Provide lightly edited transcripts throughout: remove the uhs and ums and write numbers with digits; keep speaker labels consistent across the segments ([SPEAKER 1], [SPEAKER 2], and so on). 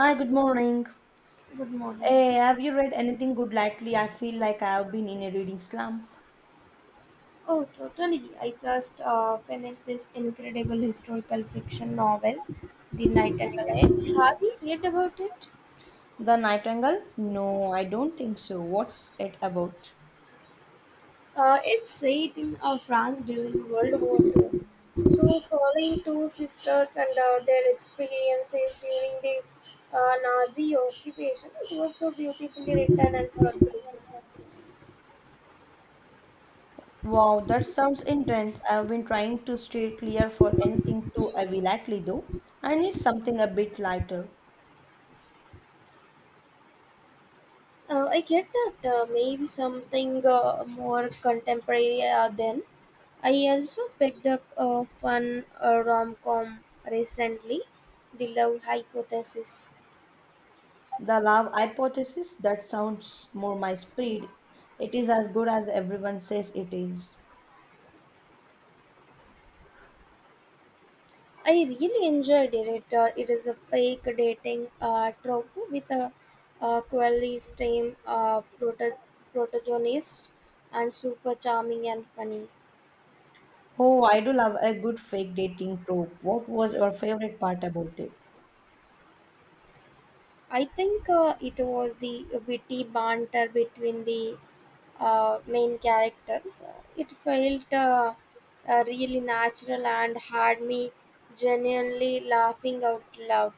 [SPEAKER 1] Hi, good morning.
[SPEAKER 2] Good morning.
[SPEAKER 1] Eh, have you read anything good lately? I feel like I have been in a reading slump.
[SPEAKER 2] Oh, totally. I just finished this incredible historical fiction novel, The Nightingale. Have you heard about it?
[SPEAKER 1] The Nightingale? No, I don't think so. What's it about?
[SPEAKER 2] It's set in France during World War Two. So, following two sisters and their experiences during the Nazi occupation. It was so beautifully written and heartbreaking.
[SPEAKER 1] Wow, that sounds intense. I have been trying to stay clear for anything too heavy lately, though. I need something a bit lighter.
[SPEAKER 2] I get that. Uh, maybe something more contemporary then. I also picked up a fun rom com recently, The Love Hypothesis.
[SPEAKER 1] The Love Hypothesis? That sounds more my speed. It is as good as everyone says it is.
[SPEAKER 2] I really enjoyed it. It is a fake dating trope with a quirky stream protagonist, and super charming and funny.
[SPEAKER 1] Oh, I do love a good fake dating trope. What was your favorite part about it?
[SPEAKER 2] I think it was the witty banter between the main characters. It felt really natural and had me genuinely laughing out loud.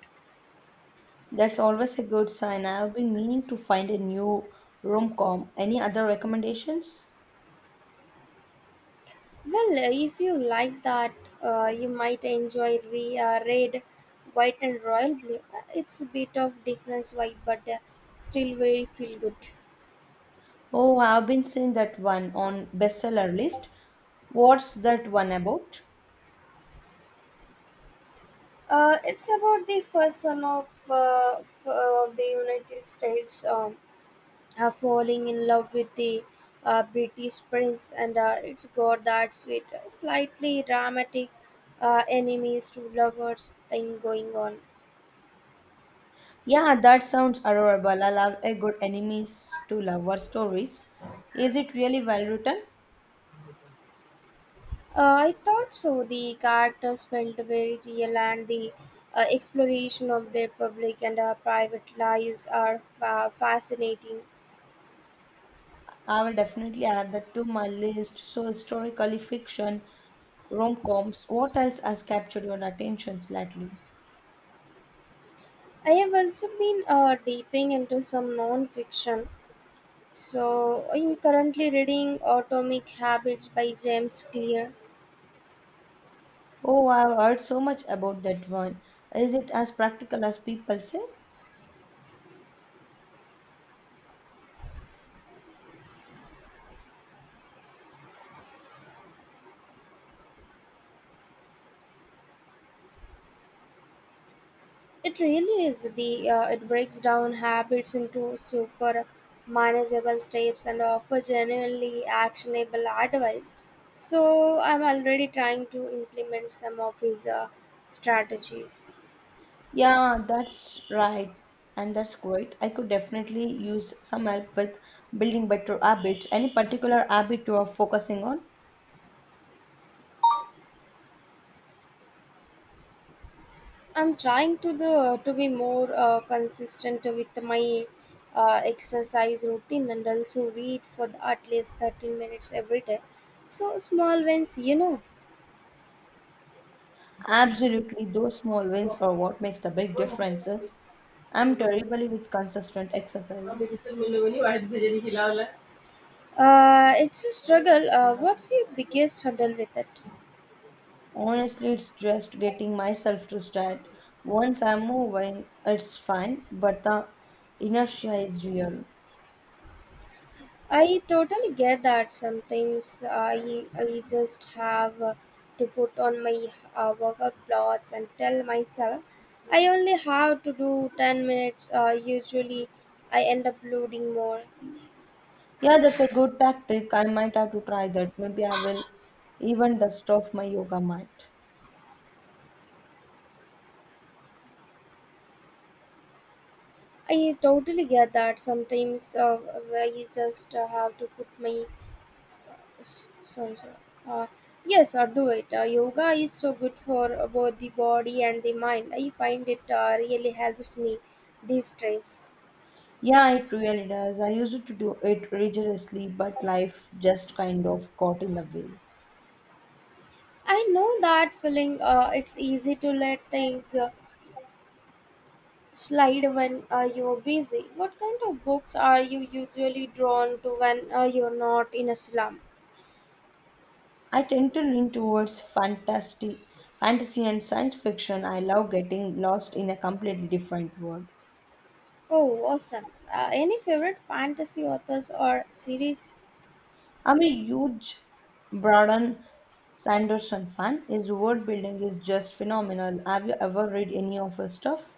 [SPEAKER 1] That's always a good sign. I've been meaning to find a new rom-com. Any other recommendations?
[SPEAKER 2] Well, if you like that, you might enjoy Red, White, and Royal Blue. It's a bit of different vibe, but still very feel good.
[SPEAKER 1] Oh, I've been seeing that one on bestseller list. What's that one about?
[SPEAKER 2] It's about the first son of, the United States, falling in love with the British prince, and it's got that sweet, slightly dramatic enemies to lovers thing going on.
[SPEAKER 1] Yeah, that sounds adorable. I love a good enemies to lover stories. Is it really well written?
[SPEAKER 2] I thought so. The characters felt very real, and the exploration of their public and private lives are fascinating.
[SPEAKER 1] I will definitely add that to my list. So historically fiction, rom-coms. What else has captured your attention lately?
[SPEAKER 2] I have also been deeping into some non fiction. So, I'm currently reading Atomic Habits by James Clear.
[SPEAKER 1] Oh, I've heard so much about that one. Is it as practical as people say?
[SPEAKER 2] It really is the it breaks down habits into super manageable steps and offers genuinely actionable advice. So, I'm already trying to implement some of his strategies.
[SPEAKER 1] Yeah, that's right. And that's great. I could definitely use some help with building better habits. Any particular habit you are focusing on?
[SPEAKER 2] I'm trying to be more consistent with my exercise routine, and also read for the, at least 13 minutes every day. So small wins,
[SPEAKER 1] Absolutely. Those small wins are what makes the big differences. I'm terribly with consistent exercise.
[SPEAKER 2] It's a struggle. What's your biggest hurdle with it?
[SPEAKER 1] Honestly, it's just getting myself to start. Once I'm moving, it's fine, but the inertia is real.
[SPEAKER 2] I totally get that. Sometimes I just have to put on my workout clothes and tell myself I only have to do 10 minutes. Usually, I end up loading more.
[SPEAKER 1] Yeah, that's a good tactic. I might have to try that. Maybe I will even dust off my yoga mat.
[SPEAKER 2] I totally get that. Sometimes I just have to put my sorry sorry. Uh, yes, or do it. Yoga is so good for both the body and the mind. I find it really helps me de-stress.
[SPEAKER 1] Yeah, it really does. I used to do it rigorously, but life just kind of got in the way.
[SPEAKER 2] I know that feeling. It's easy to let things slide when you're busy. What kind of books are you usually drawn to when you're not in a slum?
[SPEAKER 1] I tend to lean towards fantasy, fantasy and science fiction. I love getting lost in a completely different world.
[SPEAKER 2] Oh, awesome. Any favorite fantasy authors or series?
[SPEAKER 1] I'm a huge Brandon Sanderson fan. His world building is just phenomenal. Have you ever read any of his stuff?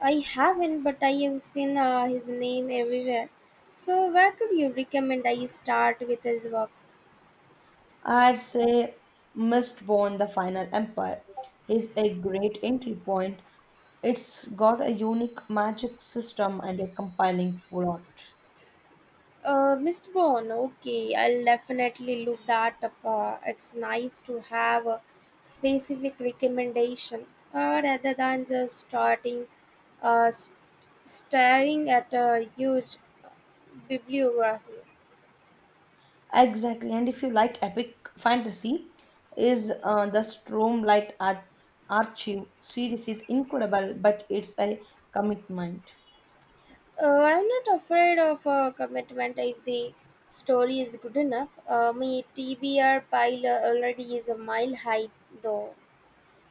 [SPEAKER 2] I haven't, but I have seen his name everywhere. So, where could you recommend I start with his work?
[SPEAKER 1] I'd say Mistborn, the Final Empire, is a great entry point. It's got a unique magic system and a compelling plot.
[SPEAKER 2] Mr. Bond, okay, I'll definitely look that up. It's nice to have a specific recommendation rather than just starting uh, st- staring at a huge bibliography.
[SPEAKER 1] Exactly, and if you like epic fantasy, is the Archive series is incredible, but it's a commitment.
[SPEAKER 2] I'm not afraid of a commitment if the story is good enough. My TBR pile already is a mile high, though.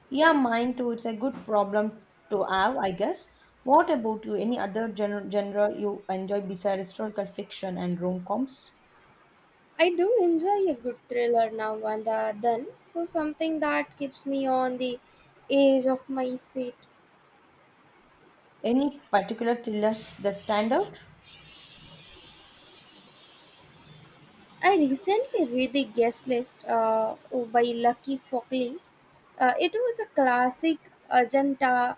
[SPEAKER 1] Yeah, mine too. It's a good problem to have, I guess. What about you? Any other genre you enjoy besides historical fiction and rom-coms?
[SPEAKER 2] I do enjoy a good thriller now and then, so something that keeps me on the edge of my seat.
[SPEAKER 1] Any particular thrillers that stand out?
[SPEAKER 2] I recently read The Guest List by Lucky Fockley. It was a classic Ajanta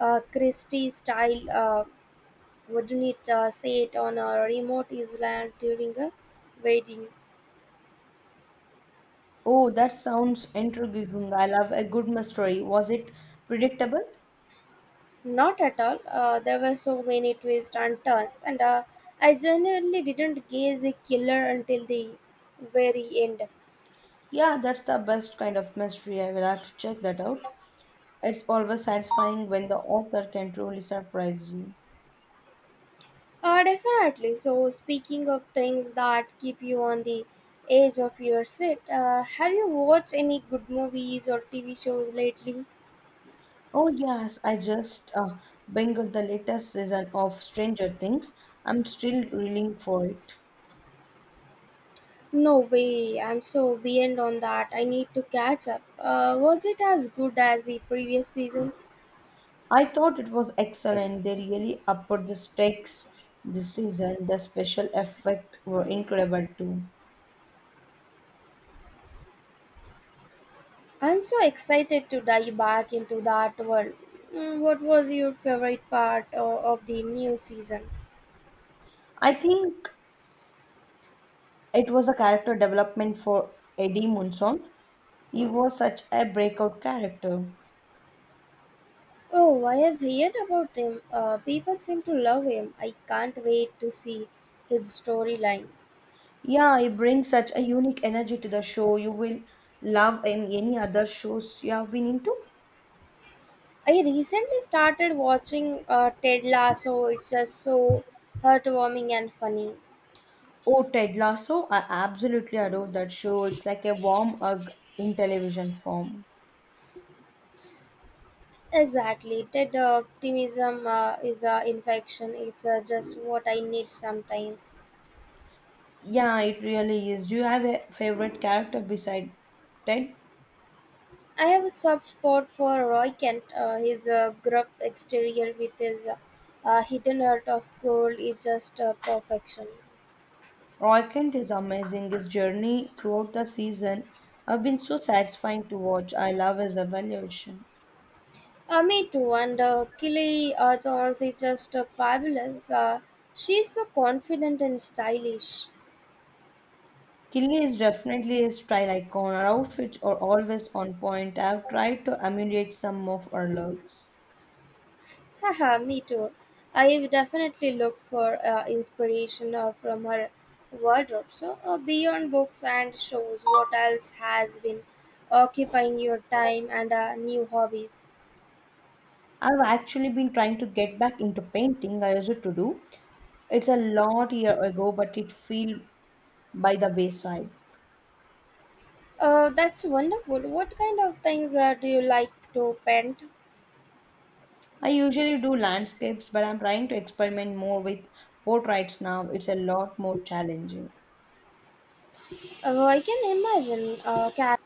[SPEAKER 2] Christie style, wouldn't it, set on a remote island during a wedding.
[SPEAKER 1] Oh, that sounds intriguing. I love a good mystery. Was it predictable?
[SPEAKER 2] Not at all. There were so many twists and turns, and I genuinely didn't guess the killer until the very end.
[SPEAKER 1] Yeah, that's the best kind of mystery. I will have to check that out. It's always satisfying when the author can truly surprise you.
[SPEAKER 2] Definitely. So, speaking of things that keep you on the edge of your seat, have you watched any good movies or TV shows lately?
[SPEAKER 1] Oh, yes, I just binged the latest season of Stranger Things. I'm still reeling for it.
[SPEAKER 2] No way. I'm so behind on that. I need to catch up. Was it as good as the previous seasons?
[SPEAKER 1] I thought it was excellent. They really upped the stakes this season. The special effects were incredible too.
[SPEAKER 2] I'm so excited to dive back into the art world. Mm, what was your favorite part of the new season?
[SPEAKER 1] I think it was a character development for Eddie Munson. He was such a breakout character.
[SPEAKER 2] Oh, I have heard about him. People seem to love him. I can't wait to see his storyline.
[SPEAKER 1] Yeah, he brings such a unique energy to the show. You will love in any other shows you have been into.
[SPEAKER 2] I recently started watching Ted Lasso. It's just so heartwarming and funny.
[SPEAKER 1] Oh, Ted Lasso, I absolutely adore that show. It's like a warm hug in television form.
[SPEAKER 2] Exactly. Ted optimism is an infection. It's just what I need sometimes.
[SPEAKER 1] Yeah, it really is. Do you have a favorite character beside Ted?
[SPEAKER 2] I have a soft spot for Roy Kent. His gruff exterior with his hidden heart of gold is just perfection.
[SPEAKER 1] Roy Kent is amazing. His journey throughout the season have been so satisfying to watch. I love his evaluation.
[SPEAKER 2] Me too. And Kelly Arthurs is just fabulous. She's so confident and stylish.
[SPEAKER 1] Killy is definitely a style icon. Her outfits are always on point. I have tried to emulate some of her looks.
[SPEAKER 2] Haha, me too. I've definitely looked for inspiration from her wardrobe. So, beyond books and shows, what else has been occupying your time and new hobbies?
[SPEAKER 1] I've actually been trying to get back into painting. I used to do. It's a lot year ago, but it feel by the wayside.
[SPEAKER 2] That's wonderful. What kind of things do you like to paint?
[SPEAKER 1] I usually do landscapes, but I'm trying to experiment more with portraits now. It's a lot more challenging.
[SPEAKER 2] I can imagine. Cat.